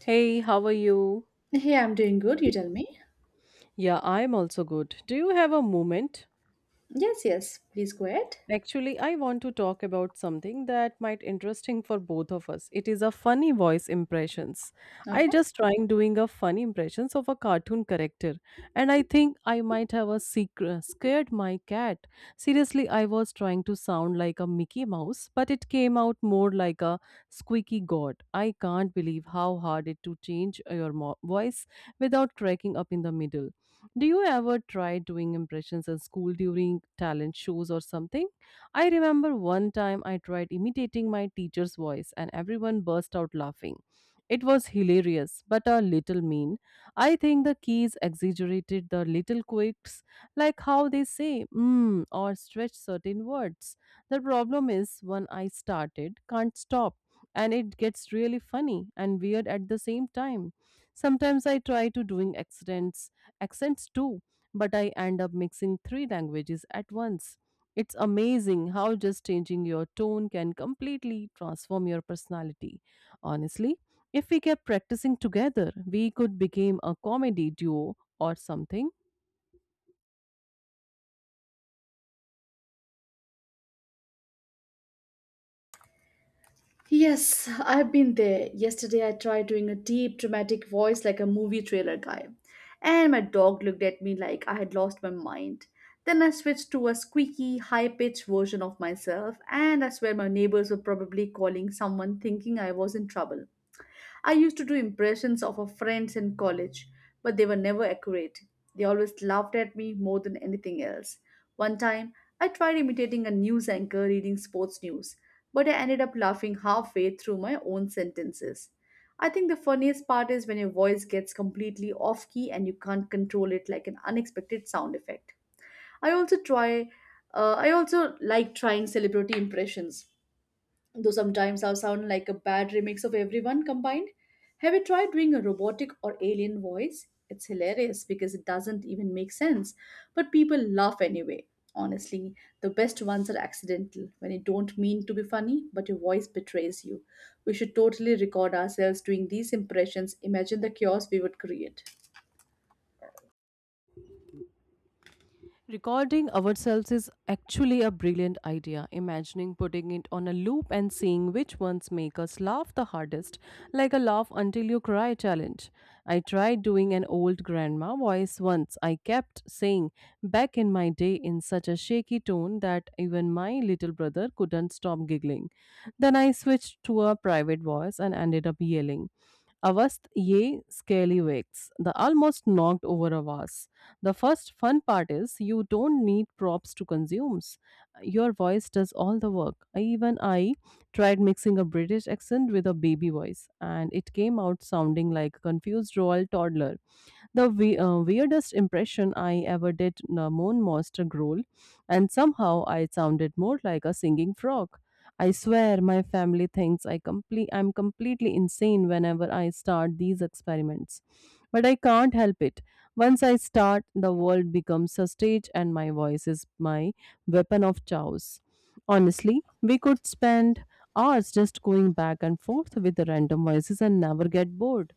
Hey, how are you? Hey, I'm doing good. You tell me. Yeah, I'm also good. Do you have a moment? Yes, yes. Please go ahead. Actually, I want to talk about something that might interesting for both of us. It is a funny voice impressions. I Okay. just trying doing a funny impressions of a cartoon character, and I think I might have a secret scared my cat. Seriously, I was trying to sound like a Mickey Mouse, but it came out more like a squeaky god. I can't believe how hard it to change your voice without cracking up in the middle. Do you ever try doing impressions in school during talent shows or something? I remember one time I tried imitating my teacher's voice and everyone burst out laughing. It was hilarious, but a little mean. I think the keys exaggerated the little quirks, like how they say mm or stretch certain words. The problem is when I started, can't stop, and it gets really funny and weird at the same time. Sometimes I try to doing accents, accents too, but I end up mixing three languages at once. It's amazing how just changing your tone can completely transform your personality. Honestly, if we kept practicing together, we could become a comedy duo or something. Yes, I've been there. Yesterday, I tried doing a deep, dramatic voice like a movie trailer guy, and my dog looked at me like I had lost my mind. Then I switched to a squeaky, high pitched version of myself, and I swear my neighbors were probably calling someone thinking I was in trouble. I used to do impressions of our friends in college, but they were never accurate. They always laughed at me more than anything else. One time, I tried imitating a news anchor reading sports news, but I ended up laughing halfway through my own sentences. I think the funniest part is when your voice gets completely off key and you can't control it like an unexpected sound effect. I also try I also like trying celebrity impressions though sometimes I sound like a bad remix of everyone combined. Have you tried doing a robotic or alien voice? It's hilarious because it doesn't even make sense, but people laugh anyway. Honestly, the best ones are accidental, when you don't mean to be funny, but your voice betrays you. We should totally record ourselves doing these impressions. Imagine the chaos we would create. Recording ourselves is actually a brilliant idea. Imagining putting it on a loop and seeing which ones make us laugh the hardest, like a laugh until you cry challenge. I tried doing an old grandma voice once. I kept saying back in my day in such a shaky tone that even my little brother couldn't stop giggling. Then I switched to a private voice and ended up yelling. Avast ye scallywags, the almost knocked over a vase. The first fun part is you don't need props to consume. Your voice does all the work. Even I tried mixing a British accent with a baby voice, and it came out sounding like a confused royal toddler. The weirdest impression I ever did a moon monster growl, and somehow I sounded more like a singing frog. I swear my family thinks I'm completely insane whenever I start these experiments. But I can't help it. Once I start, the world becomes a stage and my voice is my weapon of choice. Honestly, we could spend hours just going back and forth with the random voices and never get bored.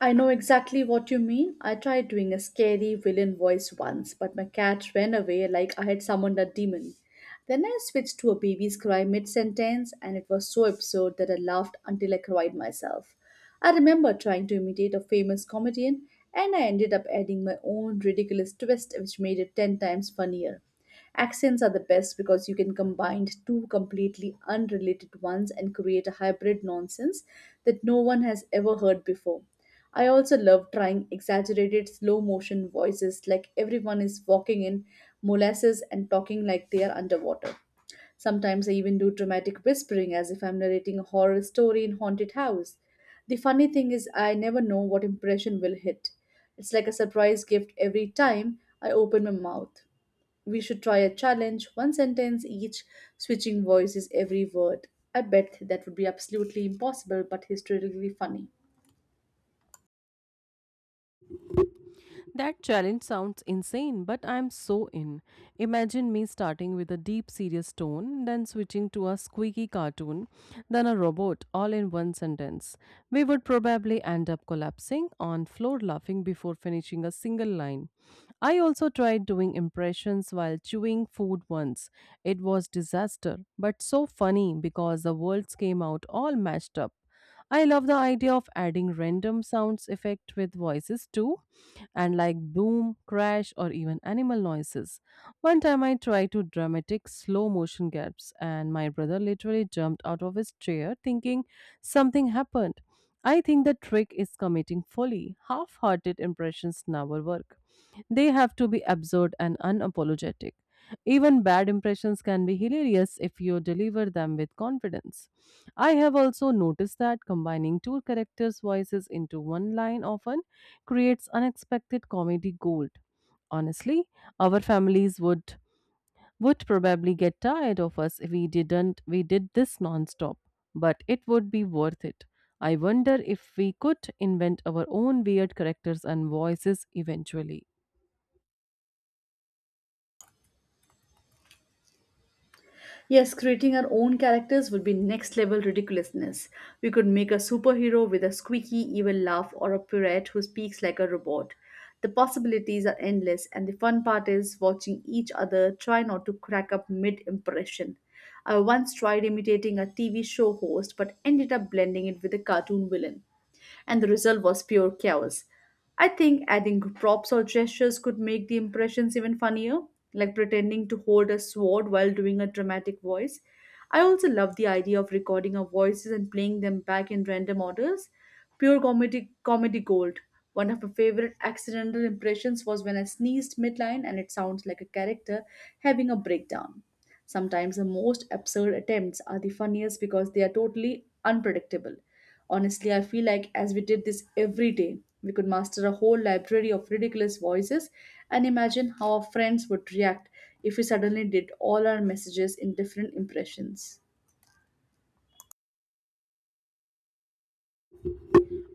I know exactly what you mean. I tried doing a scary villain voice once, but my cat ran away like I had summoned a demon. Then I switched to a baby's cry mid sentence, and it was so absurd that I laughed until I cried myself. I remember trying to imitate a famous comedian, and I ended up adding my own ridiculous twist, which made it 10 times funnier. Accents are the best because you can combine two completely unrelated ones and create a hybrid nonsense that no one has ever heard before. I also love trying exaggerated slow motion voices like everyone is walking in molasses and talking like they are underwater. Sometimes I even do dramatic whispering as if I'm narrating a horror story in haunted house. The funny thing is I never know what impression will hit. It's like a surprise gift every time I open my mouth. We should try a challenge, one sentence each, switching voices every word. I bet that would be absolutely impossible but historically funny. That challenge sounds insane, but I'm so in. Imagine me starting with a deep, serious tone, then switching to a squeaky cartoon, then a robot, all in one sentence. We would probably end up collapsing on floor laughing before finishing a single line. I also tried doing impressions while chewing food once. It was disaster, but so funny because the words came out all mashed up. I love the idea of adding random sounds effect with voices too and like boom, crash, or even animal noises. One time I tried to dramatic slow motion gaps, and my brother literally jumped out of his chair thinking something happened. I think the trick is committing folly. Half hearted impressions never work. They have to be absurd and unapologetic. Even bad impressions can be hilarious if you deliver them with confidence. I have also noticed that combining two characters' voices into one line often creates unexpected comedy gold. Honestly, our families would probably get tired of us if we didn't we did this non-stop, but it would be worth it. I wonder if we could invent our own weird characters and voices eventually. Yes, creating our own characters would be next level ridiculousness. We could make a superhero with a squeaky evil laugh or a pirate who speaks like a robot. The possibilities are endless, and the fun part is watching each other try not to crack up mid impression. I once tried imitating a TV show host but ended up blending it with a cartoon villain and the result was pure chaos. I think adding props or gestures could make the impressions even funnier, like pretending to hold a sword while doing a dramatic voice. I also love the idea of recording our voices and playing them back in random orders. Pure comedy comedy gold. One of my favorite accidental impressions was when I sneezed midline and it sounds like a character having a breakdown. Sometimes the most absurd attempts are the funniest because they are totally unpredictable. Honestly, I feel like as we did this every day, we could master a whole library of ridiculous voices and imagine how our friends would react if we suddenly did all our messages in different impressions.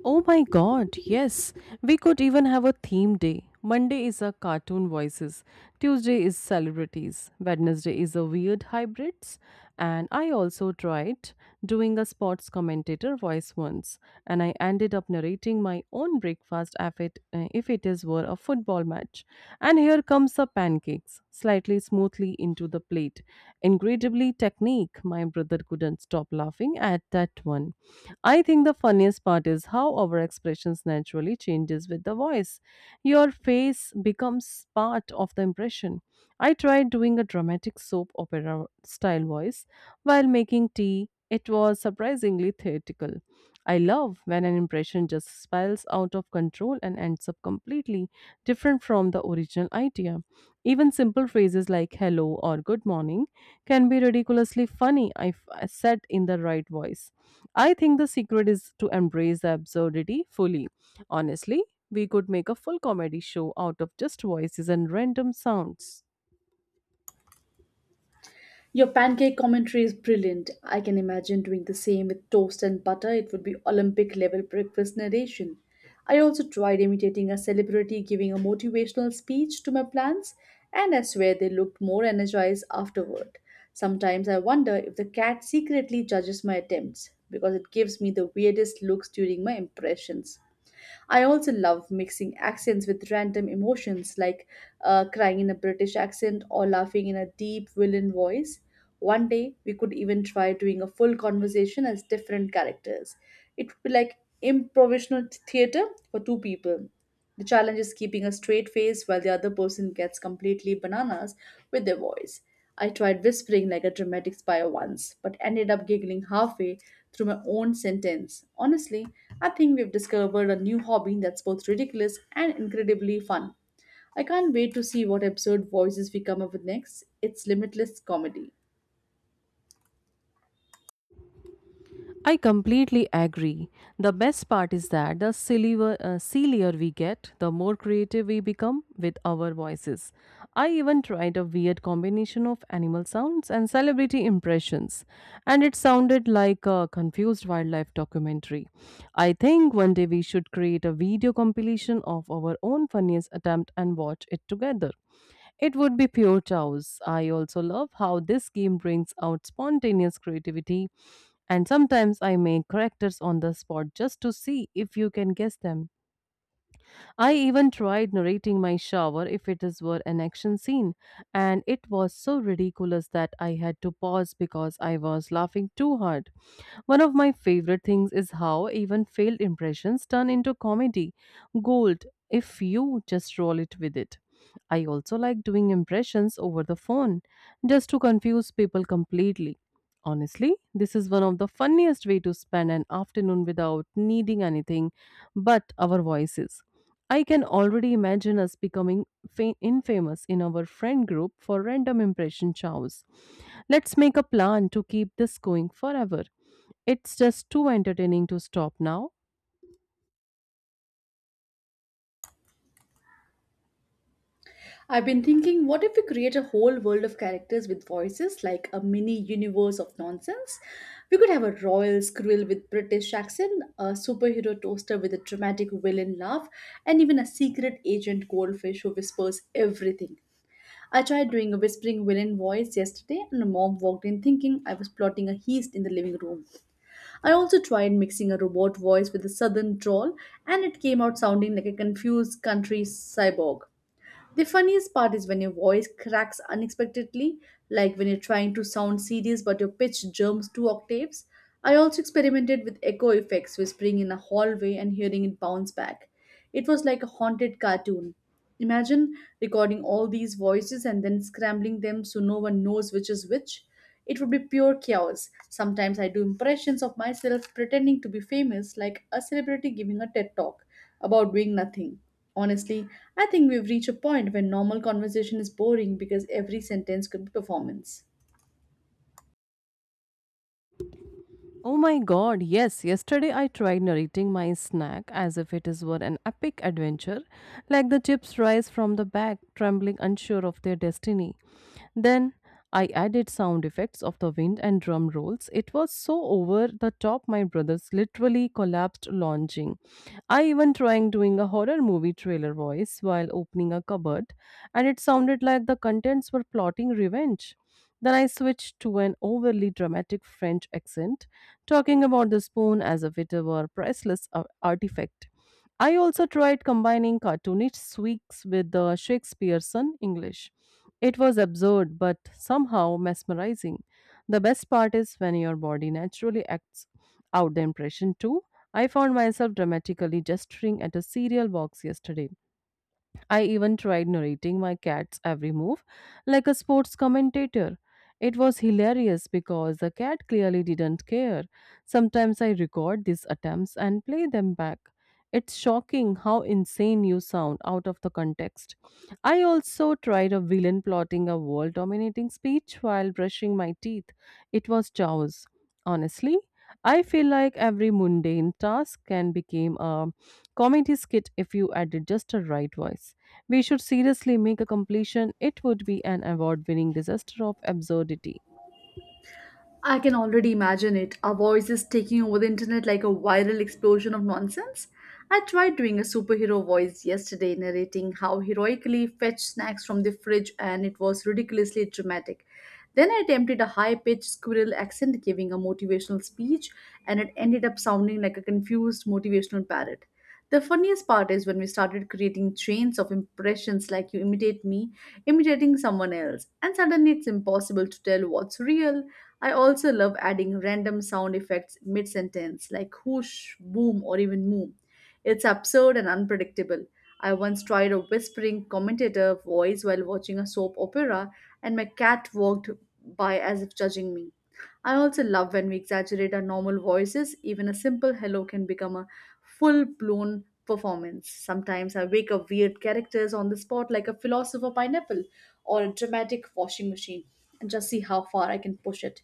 Oh my god, yes. We could even have a theme day. Monday is a cartoon voices, Tuesday is celebrities, Wednesday is a weird hybrids, and I also tried doing a sports commentator voice once, and I ended up narrating my own breakfast if it is were a football match. And here comes the pancakes, slightly smoothly into the plate. Incredibly technique, my brother couldn't stop laughing at that one. I think the funniest part is how our expressions naturally changes with the voice. Your face becomes part of the impression. I tried doing a dramatic soap opera style voice while making tea. It was surprisingly theatrical. I love when an impression just spirals out of control and ends up completely different from the original idea. Even simple phrases like hello or good morning can be ridiculously funny if said in the right voice. I think the secret is to embrace the absurdity fully. Honestly, we could make a full comedy show out of just voices and random sounds. Your pancake commentary is brilliant. I can imagine doing the same with toast and butter. It would be Olympic level breakfast narration. I also tried imitating a celebrity giving a motivational speech to my plants, and I swear they looked more energized afterward. Sometimes I wonder if the cat secretly judges my attempts because it gives me the weirdest looks during my impressions. I also love mixing accents with random emotions like crying in a British accent or laughing in a deep villain voice. One day, we could even try doing a full conversation as different characters. It would be like improvisational theater for two people. The challenge is keeping a straight face while the other person gets completely bananas with their voice. I tried whispering like a dramatic spy once, but ended up giggling halfway through my own sentence. Honestly, I think we've discovered a new hobby that's both ridiculous and incredibly fun. I can't wait to see what absurd voices we come up with next. It's limitless comedy. I completely agree. The best part is that sillier we get, the more creative we become with our voices. I even tried a weird combination of animal sounds and celebrity impressions, and it sounded like a confused wildlife documentary. I think one day we should create a video compilation of our own funniest attempt and watch it together. It would be pure chaos. I also love how this game brings out spontaneous creativity, and sometimes I make characters on the spot just to see if you can guess them. I even tried narrating my shower if it is were an action scene, and it was so ridiculous that I had to pause because I was laughing too hard. One of my favorite things is how even failed impressions turn into comedy gold if you just roll it with it. I also like doing impressions over the phone just to confuse people completely. Honestly, this is one of the funniest way to spend an afternoon without needing anything but our voices. I can already imagine us becoming infamous in our friend group for random impression chows. Let's make a plan to keep this going forever. It's just too entertaining to stop now. I've been thinking, what if we create a whole world of characters with voices, like a mini universe of nonsense? We could have a royal squirrel with British accent, a superhero toaster with a dramatic villain laugh, and even a secret agent goldfish who whispers everything. I tried doing a whispering villain voice yesterday, and my mom walked in thinking I was plotting a heist in the living room. I also tried mixing a robot voice with a southern drawl, and it came out sounding like a confused country cyborg. The funniest part is when your voice cracks unexpectedly, like when you're trying to sound serious but your pitch jumps two octaves. I also experimented with echo effects, whispering in a hallway and hearing it bounce back. It was like a haunted cartoon. Imagine recording all these voices and then scrambling them so no one knows which is which. It would be pure chaos. Sometimes I do impressions of myself pretending to be famous, like a celebrity giving a TED talk about doing nothing. Honestly, I think we've reached a point where normal conversation is boring because every sentence could be performance. Oh my god, yes, yesterday I tried narrating my snack as if it is were an epic adventure, like the chips rise from the bag, trembling unsure of their destiny. Then I added sound effects of the wind and drum rolls. It was so over the top, my brothers literally collapsed launching. I even tried doing a horror movie trailer voice while opening a cupboard, and it sounded like the contents were plotting revenge. Then I switched to an overly dramatic French accent, talking about the spoon as if it were a priceless artifact. I also tried combining cartoonish tweaks with the Shakespearean English. It was absurd but somehow mesmerizing. The best part is when your body naturally acts out the impression too. I found myself dramatically gesturing at a cereal box yesterday. I even tried narrating my cat's every move like a sports commentator. It was hilarious because the cat clearly didn't care. Sometimes I record these attempts and play them back. It's shocking how insane you sound out of the context. I also tried a villain plotting a world dominating speech while brushing my teeth. It was chaos. Honestly, I feel like every mundane task can become a comedy skit if you added just the right voice. We should seriously make a completion. It would be an award winning disaster of absurdity. I can already imagine it. Our voices taking over the internet like a viral explosion of nonsense. I tried doing a superhero voice yesterday, narrating how heroically fetched snacks from the fridge, and it was ridiculously dramatic. Then I attempted a high pitched squirrel accent, giving a motivational speech, and it ended up sounding like a confused motivational parrot. The funniest part is when we started creating chains of impressions like you imitate me, imitating someone else, and suddenly it's impossible to tell what's real. I also love adding random sound effects mid sentence, like whoosh, boom, or even moo. It's absurd and unpredictable. I once tried a whispering commentator voice while watching a soap opera, and my cat walked by as if judging me. I also love when we exaggerate our normal voices, even a simple hello can become a full blown performance. Sometimes I wake up weird characters on the spot, like a philosopher pineapple or a dramatic washing machine, and just see how far I can push it.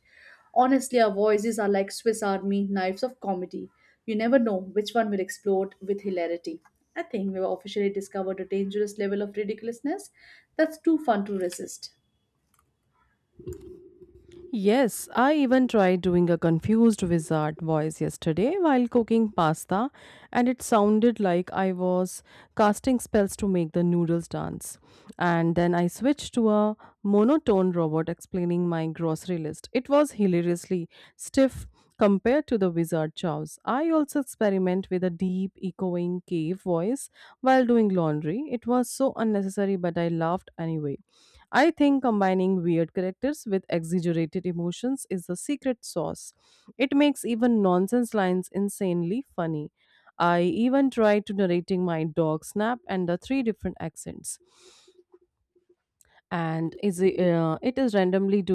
Honestly, our voices are like Swiss Army knives of comedy. You never know which one will explode with hilarity. I think we've officially discovered a dangerous level of ridiculousness that's too fun to resist. Yes, I even tried doing a confused wizard voice yesterday while cooking pasta, and it sounded like I was casting spells to make the noodles dance. And then I switched to a monotone robot explaining my grocery list. It was hilariously stiff compared to the wizard chows. I also experiment with a deep, echoing cave voice while doing laundry. It was so unnecessary, but I laughed anyway. I think combining weird characters with exaggerated emotions is the secret sauce. It makes even nonsense lines insanely funny. I even tried to narrating my dog snap and the three different accents, and it is randomly do